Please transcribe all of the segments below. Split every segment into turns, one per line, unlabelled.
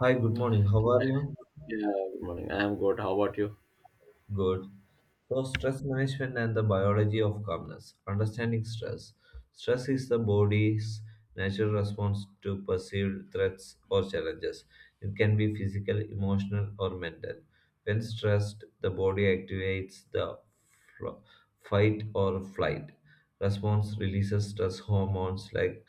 Hi, good morning. How are you?
Yeah, good morning. I'm good. How about you?
Good. So, stress management and the biology of calmness. Understanding stress. Stress is the body's natural response to perceived threats or challenges. It can be physical, emotional, or mental. When stressed, the body activates the fl- fight or flight response, releases stress hormones like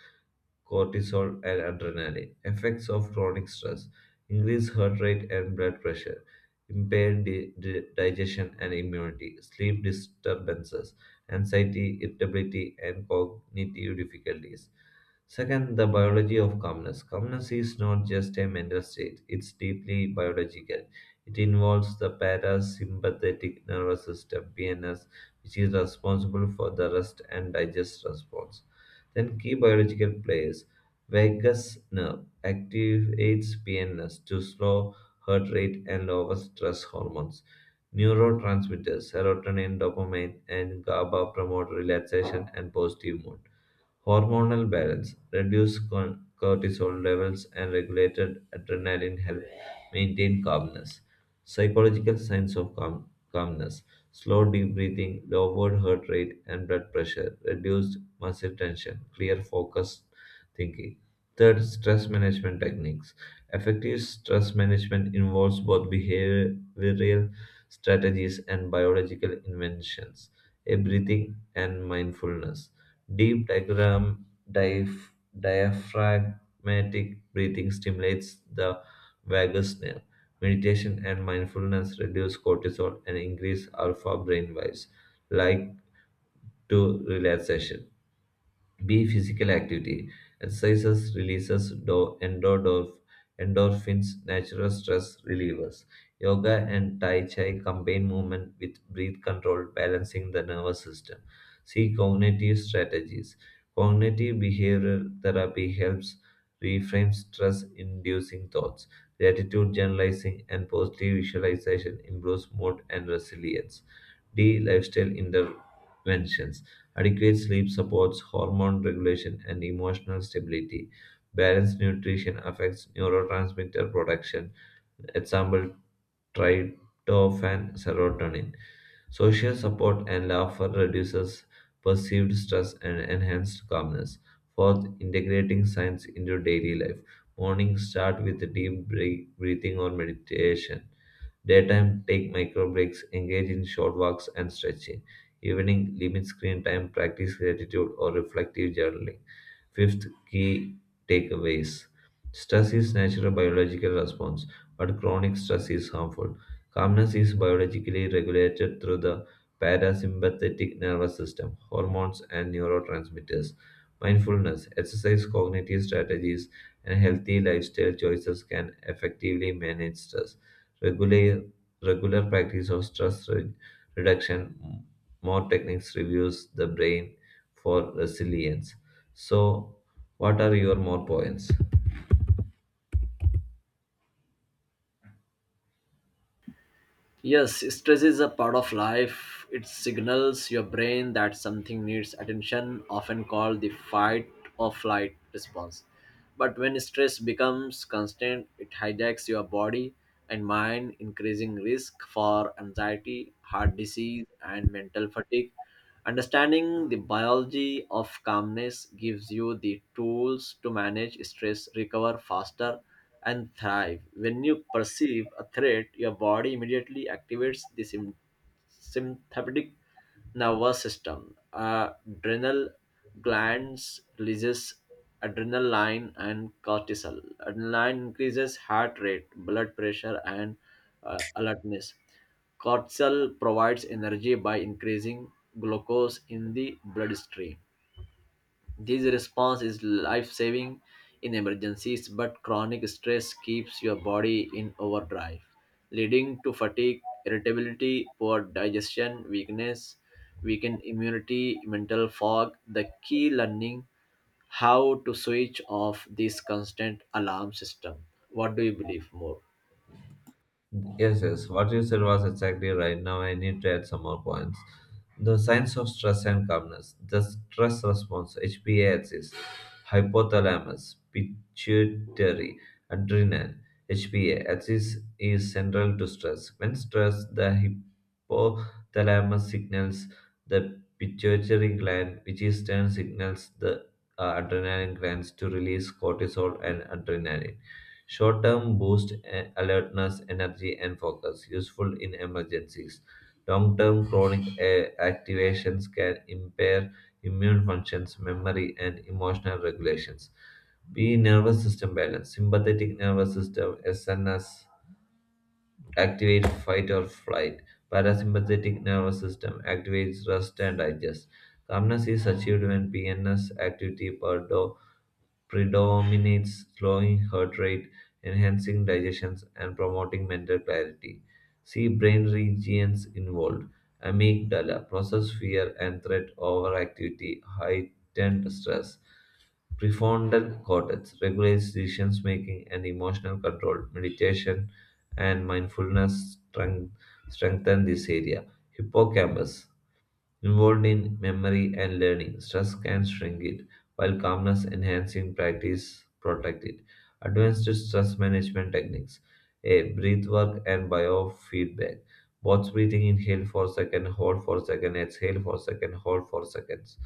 cortisol and adrenaline. Effects of chronic stress: increased heart rate and blood pressure, impaired digestion and immunity, sleep disturbances, anxiety, irritability, and cognitive difficulties. Second, the biology of calmness. Calmness is not just a mental state, it's deeply biological. It involves the parasympathetic nervous system, PNS, which is responsible for the rest and digest response. Then key biological plays. Vagus nerve activates PNS to slow heart rate and lower stress hormones. Neurotransmitters serotonin, dopamine, and GABA promote relaxation and positive mood. Hormonal balance reduce cortisol levels, and regulated adrenaline help maintain calmness. Psychological signs of calmness: slow deep breathing, lowered heart rate and blood pressure, reduced muscle tension, clear focused thinking. Third, stress management techniques. Effective stress management involves both behavioral strategies and biological inventions. A. Breathing and mindfulness. Deep diaphragm, diaph- Diaphragmatic breathing stimulates the vagus nerve. Meditation and mindfulness reduce cortisol and increase alpha brain waves, like to relaxation. B. Physical activity. Exercises releases endorphins, natural stress relievers. Yoga and Tai Chi combine movement with breath control, balancing the nervous system. C. Cognitive strategies. Cognitive behavioral therapy helps reframe stress inducing thoughts. Gratitude journalizing and positive visualization improves mood and resilience. D. Lifestyle interventions. Adequate sleep supports hormone regulation and emotional stability. Balanced nutrition affects neurotransmitter production, example, tryptophan, serotonin. Social support and laughter reduces perceived stress and enhanced calmness. Fourth, integrating science into daily life. Morning, start with deep break, breathing or meditation. Daytime, take micro breaks, engage in short walks and stretching. Evening, limit screen time, practice gratitude or reflective journaling. Fifth, key takeaways. Stress is natural biological response, but chronic stress is harmful. Calmness is biologically regulated through the parasympathetic nervous system, hormones, and neurotransmitters. Mindfulness, exercise, cognitive strategies, and healthy lifestyle choices can effectively manage stress. regular, Regular practice of stress reduction, more techniques reviews the brain for resilience. So, what are your more points?
Yes, stress is a part of life. It signals your brain that something needs attention, often called the fight or flight response. But when stress becomes constant, it hijacks your body and mind, increasing risk for anxiety, heart disease, and mental fatigue. Understanding the biology of calmness gives you the tools to manage stress, recover faster, and thrive. When you perceive a threat, your body immediately activates the sympathetic nervous system. Adrenal glands releases adrenaline and cortisol. Adrenaline increases heart rate, blood pressure, and alertness. Cortisol provides energy by increasing glucose in the bloodstream. This response is life saving in emergencies, but chronic stress keeps your body in overdrive, leading to fatigue, irritability, poor digestion, weakened immunity, mental fog. The key learning how to switch off this constant alarm system. What do you believe more?
Yes, yes. What you said was exactly right. Now I need to add some more points. The signs of stress and calmness. The stress response, HPA axis, hypothalamus, pituitary, adrenal. HPA axis is central to stress. When stressed, the hypothalamus signals the pituitary gland, which in turn signals the adrenaline glands to release cortisol and adrenaline. Short term boost alertness, energy, and focus, useful in emergencies. Long term chronic activations can impair immune functions, memory, and emotional regulations. B. Nervous system balance. Sympathetic nervous system, SNS, activate fight or flight. Parasympathetic nervous system activates rest and digest. Calmness is achieved when PNS activity predominates, slowing heart rate, enhancing digestions, and promoting mental clarity. See brain regions involved. Amygdala process fear and threat over activity, heightened stress. Prefrontal cortex regulates decision making and emotional control. Meditation and mindfulness strengthen this area. Hippocampus involved in memory and learning. Stress can shrink it, while calmness enhancing practice protect it. Advanced stress management techniques. A. Breath work and biofeedback. Both breathing: inhale for second, hold for second, exhale for second, hold for seconds.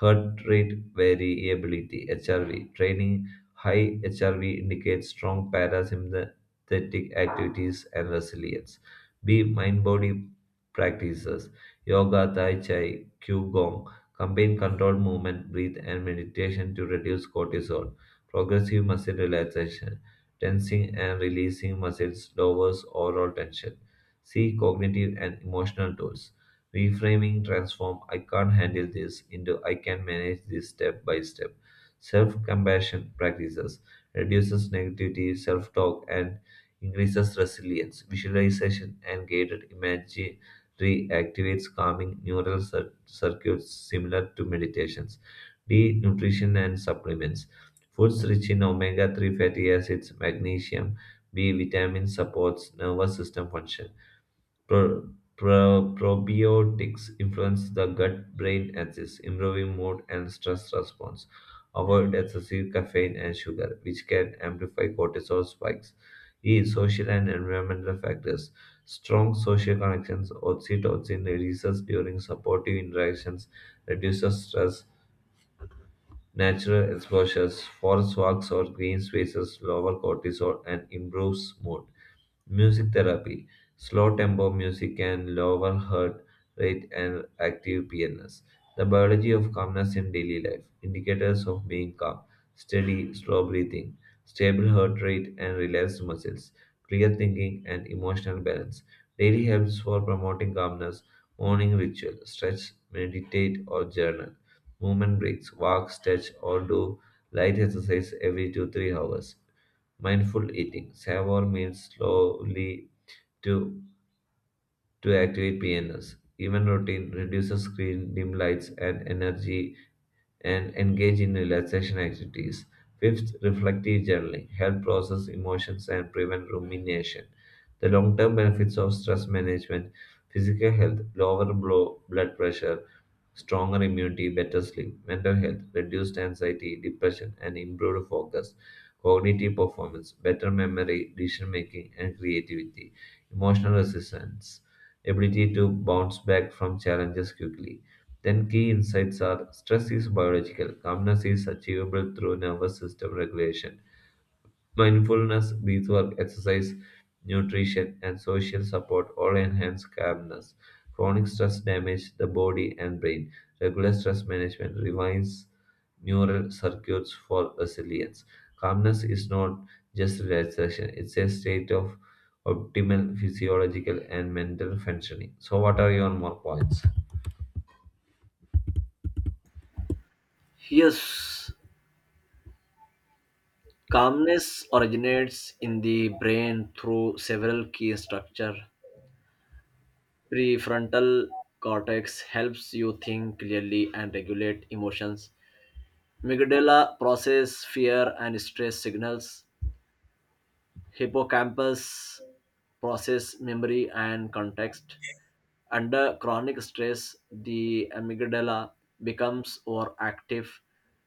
Heart rate variability HRV training. High HRV indicates strong parasympathetic activities and resilience. B. Mind body practices: yoga, tai chi, qigong combine controlled movement, breath, and meditation to reduce cortisol. Progressive muscle relaxation, tensing and releasing muscles lowers overall tension. See cognitive and emotional tools. Reframing transform I can't handle this into I can manage this step by step. Self compassion practices reduces negativity, self talk, and increases resilience. Visualization and guided imagine Three, activates calming neural circuits similar to meditations. D. Nutrition and supplements. Foods rich in omega 3 fatty acids, magnesium, B, vitamin supports nervous system function. Pro- Probiotics influence the gut-brain axis, improving mood and stress response. Avoid excessive caffeine and sugar, which can amplify cortisol spikes. E. Social and environmental factors. Strong social connections, oxytocin releases during supportive interactions, reduces stress. Natural exposures, forest walks or green spaces lower cortisol and improves mood. Music therapy, slow tempo music can lower heart rate and active PNS. The biology of calmness in daily life, indicators of being calm: steady, slow breathing, stable heart rate and relaxed muscles, clear thinking and emotional balance. Daily helps for promoting calmness: morning ritual, stretch, meditate or journal. Movement breaks, walk, stretch, or do light exercise every 2 3 hours. Mindful eating, savor meals slowly to to activate PNS. Even routine reduces screen, dim lights, and energy and engage in relaxation activities. Fifth, reflective journaling help process emotions and prevent rumination. The long-term benefits of stress management: physical health, lower blood pressure, stronger immunity, better sleep; mental health, reduced anxiety, depression, and improved focus; cognitive performance, better memory, decision making, and creativity; emotional resistance, ability to bounce back from challenges quickly. Then, key insights are: stress is biological, calmness is achievable through nervous system regulation. Mindfulness, breathwork, exercise, nutrition, and social support all enhance calmness. Chronic stress damages the body and brain. Regular stress management revives neural circuits for resilience. Calmness is not just relaxation, it's a state of optimal physiological and mental functioning. So, what are your more points?
Yes, calmness originates in the brain through several key structure. Prefrontal cortex helps you think clearly and regulate emotions. Amygdala process fear and stress signals. Hippocampus process memory and context. Under chronic stress, the amygdala becomes overactive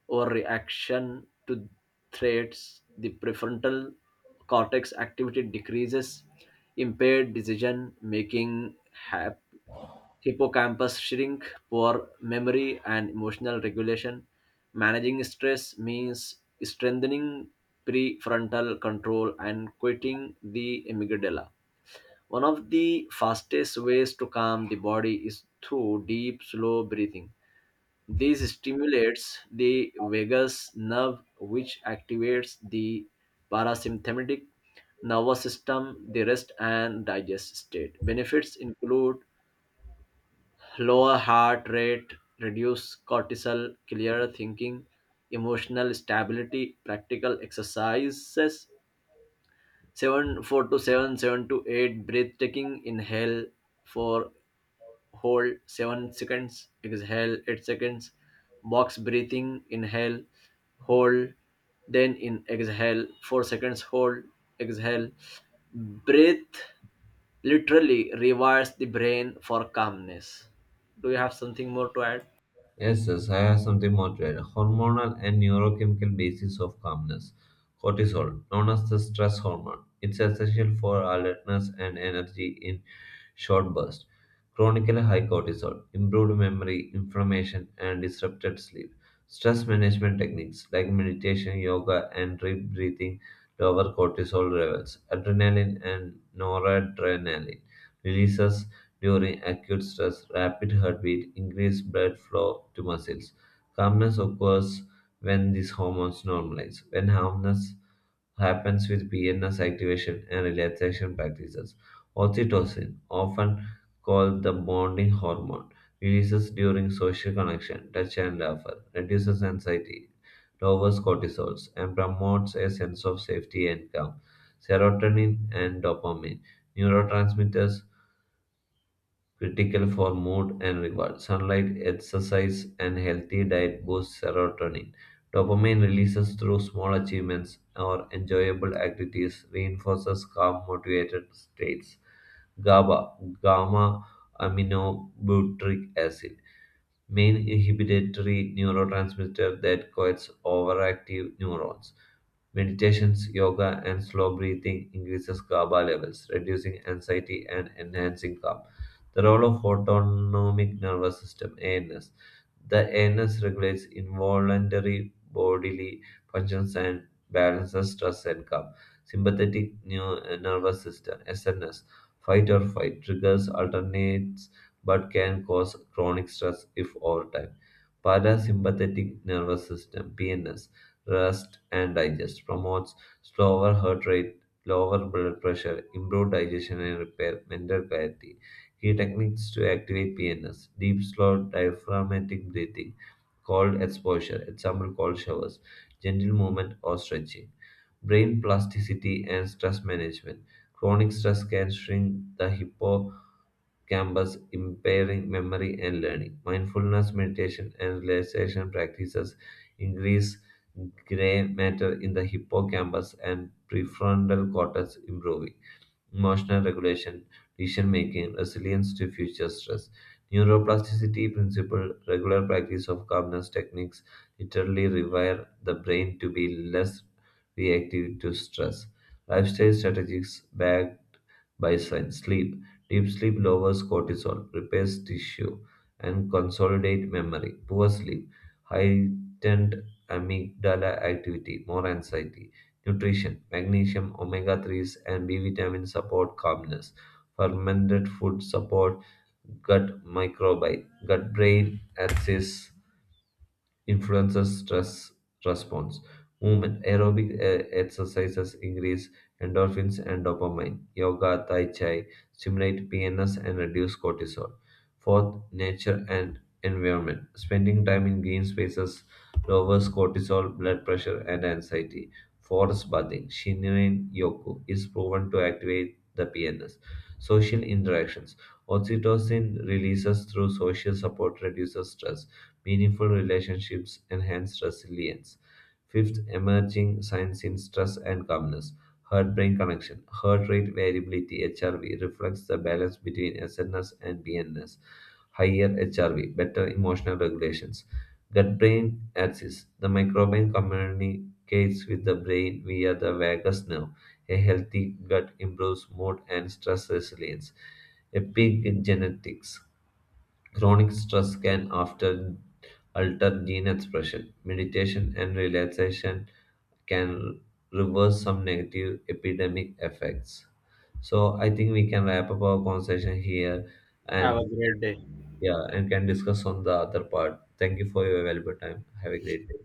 or reaction to threats. The prefrontal cortex activity decreases, impaired decision making happens, hippocampus shrink, poor memory and emotional regulation. Managing stress means strengthening prefrontal control and quitting the amygdala. One of the fastest ways to calm the body is through deep, slow breathing. This stimulates the vagus nerve, which activates the parasympathetic nervous system, the rest and digest state. Benefits include lower heart rate, reduce cortisol, clearer thinking, emotional stability, practical exercises, 7 4 to 7, 7 to 8, breathtaking, inhale for hold 7 seconds, exhale 8 seconds, box breathing, inhale, hold, then in exhale 4 seconds, hold, exhale. Breath literally rewires the brain for calmness. Do you have something more to add?
Yes, yes, I have something more to add. Hormonal and neurochemical basis of calmness. Cortisol, known as the stress hormone, it's essential for alertness and energy in short bursts. Chronically high cortisol, improved memory, inflammation, and disrupted sleep. Stress management techniques like meditation, yoga, and deep breathing lower cortisol levels. Adrenaline and noradrenaline releases during acute stress, rapid heartbeat, increased blood flow to muscles. Calmness occurs when these hormones normalize. When calmness happens with PNS activation and relaxation practices. Oxytocin, often called the bonding hormone, releases during social connection, touch and laughter, reduces anxiety, lowers cortisol, and promotes a sense of safety and calm. Serotonin and dopamine, neurotransmitters critical for mood and reward. Sunlight, exercise, and healthy diet boost serotonin. Dopamine releases through small achievements or enjoyable activities reinforces calm, motivated states. GABA, gamma aminobutyric acid, main inhibitory neurotransmitter that coats overactive neurons. Meditations, yoga, and slow breathing increases GABA levels, reducing anxiety and enhancing calm. The role of autonomic nervous system (ANS). The ANS regulates involuntary bodily functions and balances stress and calm. Sympathetic nervous system (SNS). Fight or flight triggers alternates but can cause chronic stress if over time. Parasympathetic nervous system (PNS) rest and digest promotes slower heart rate, lower blood pressure, improved digestion and repair, mental clarity. Key techniques to activate PNS: deep, slow, diaphragmatic breathing, cold exposure (example, cold showers), gentle movement or stretching. Brain plasticity and stress management. Chronic stress can shrink the hippo campus, impairing memory and learning. Mindfulness, meditation, and relaxation practices increase gray matter in the hippocampus and prefrontal cortex, improving emotional regulation, decision making, resilience to future stress. Neuroplasticity principle, regular practice of calmness techniques literally rewire the brain to be less reactive to stress. Lifestyle strategies backed by science. Sleep. Deep sleep lowers cortisol, repairs tissue, and consolidate memory. Poor sleep, heightened amygdala activity, more anxiety. Nutrition: magnesium, omega 3s, and B vitamins support calmness. Fermented food support gut microbiome, gut brain axis influences stress response. Movement, aerobic exercises increase endorphins and dopamine. Yoga, Tai Chi stimulate PNS and reduce cortisol. Fourth, nature and environment. Spending time in green spaces lowers cortisol, blood pressure, and anxiety. Forest bathing, Shinrin Yoku, is proven to activate the PNS. Social interactions. Oxytocin releases through social support reduces stress. Meaningful relationships enhance resilience. Fifth, emerging signs in stress and calmness. Heart brain connection. Heart rate variability HRV reflects the balance between SNS and BNS. Higher HRV, better emotional regulations. Gut brain axis. The microbiome communicates with the brain via the vagus nerve. A healthy gut improves mood and stress resilience. Epigenetics. Chronic stress can alter gene expression. Meditation and relaxation can reverse some negative epidemic effects. So I think we can wrap up our conversation here
Have a
and
great day.
yeah, and can discuss on the other part. Thank you for your valuable time. Have a great day.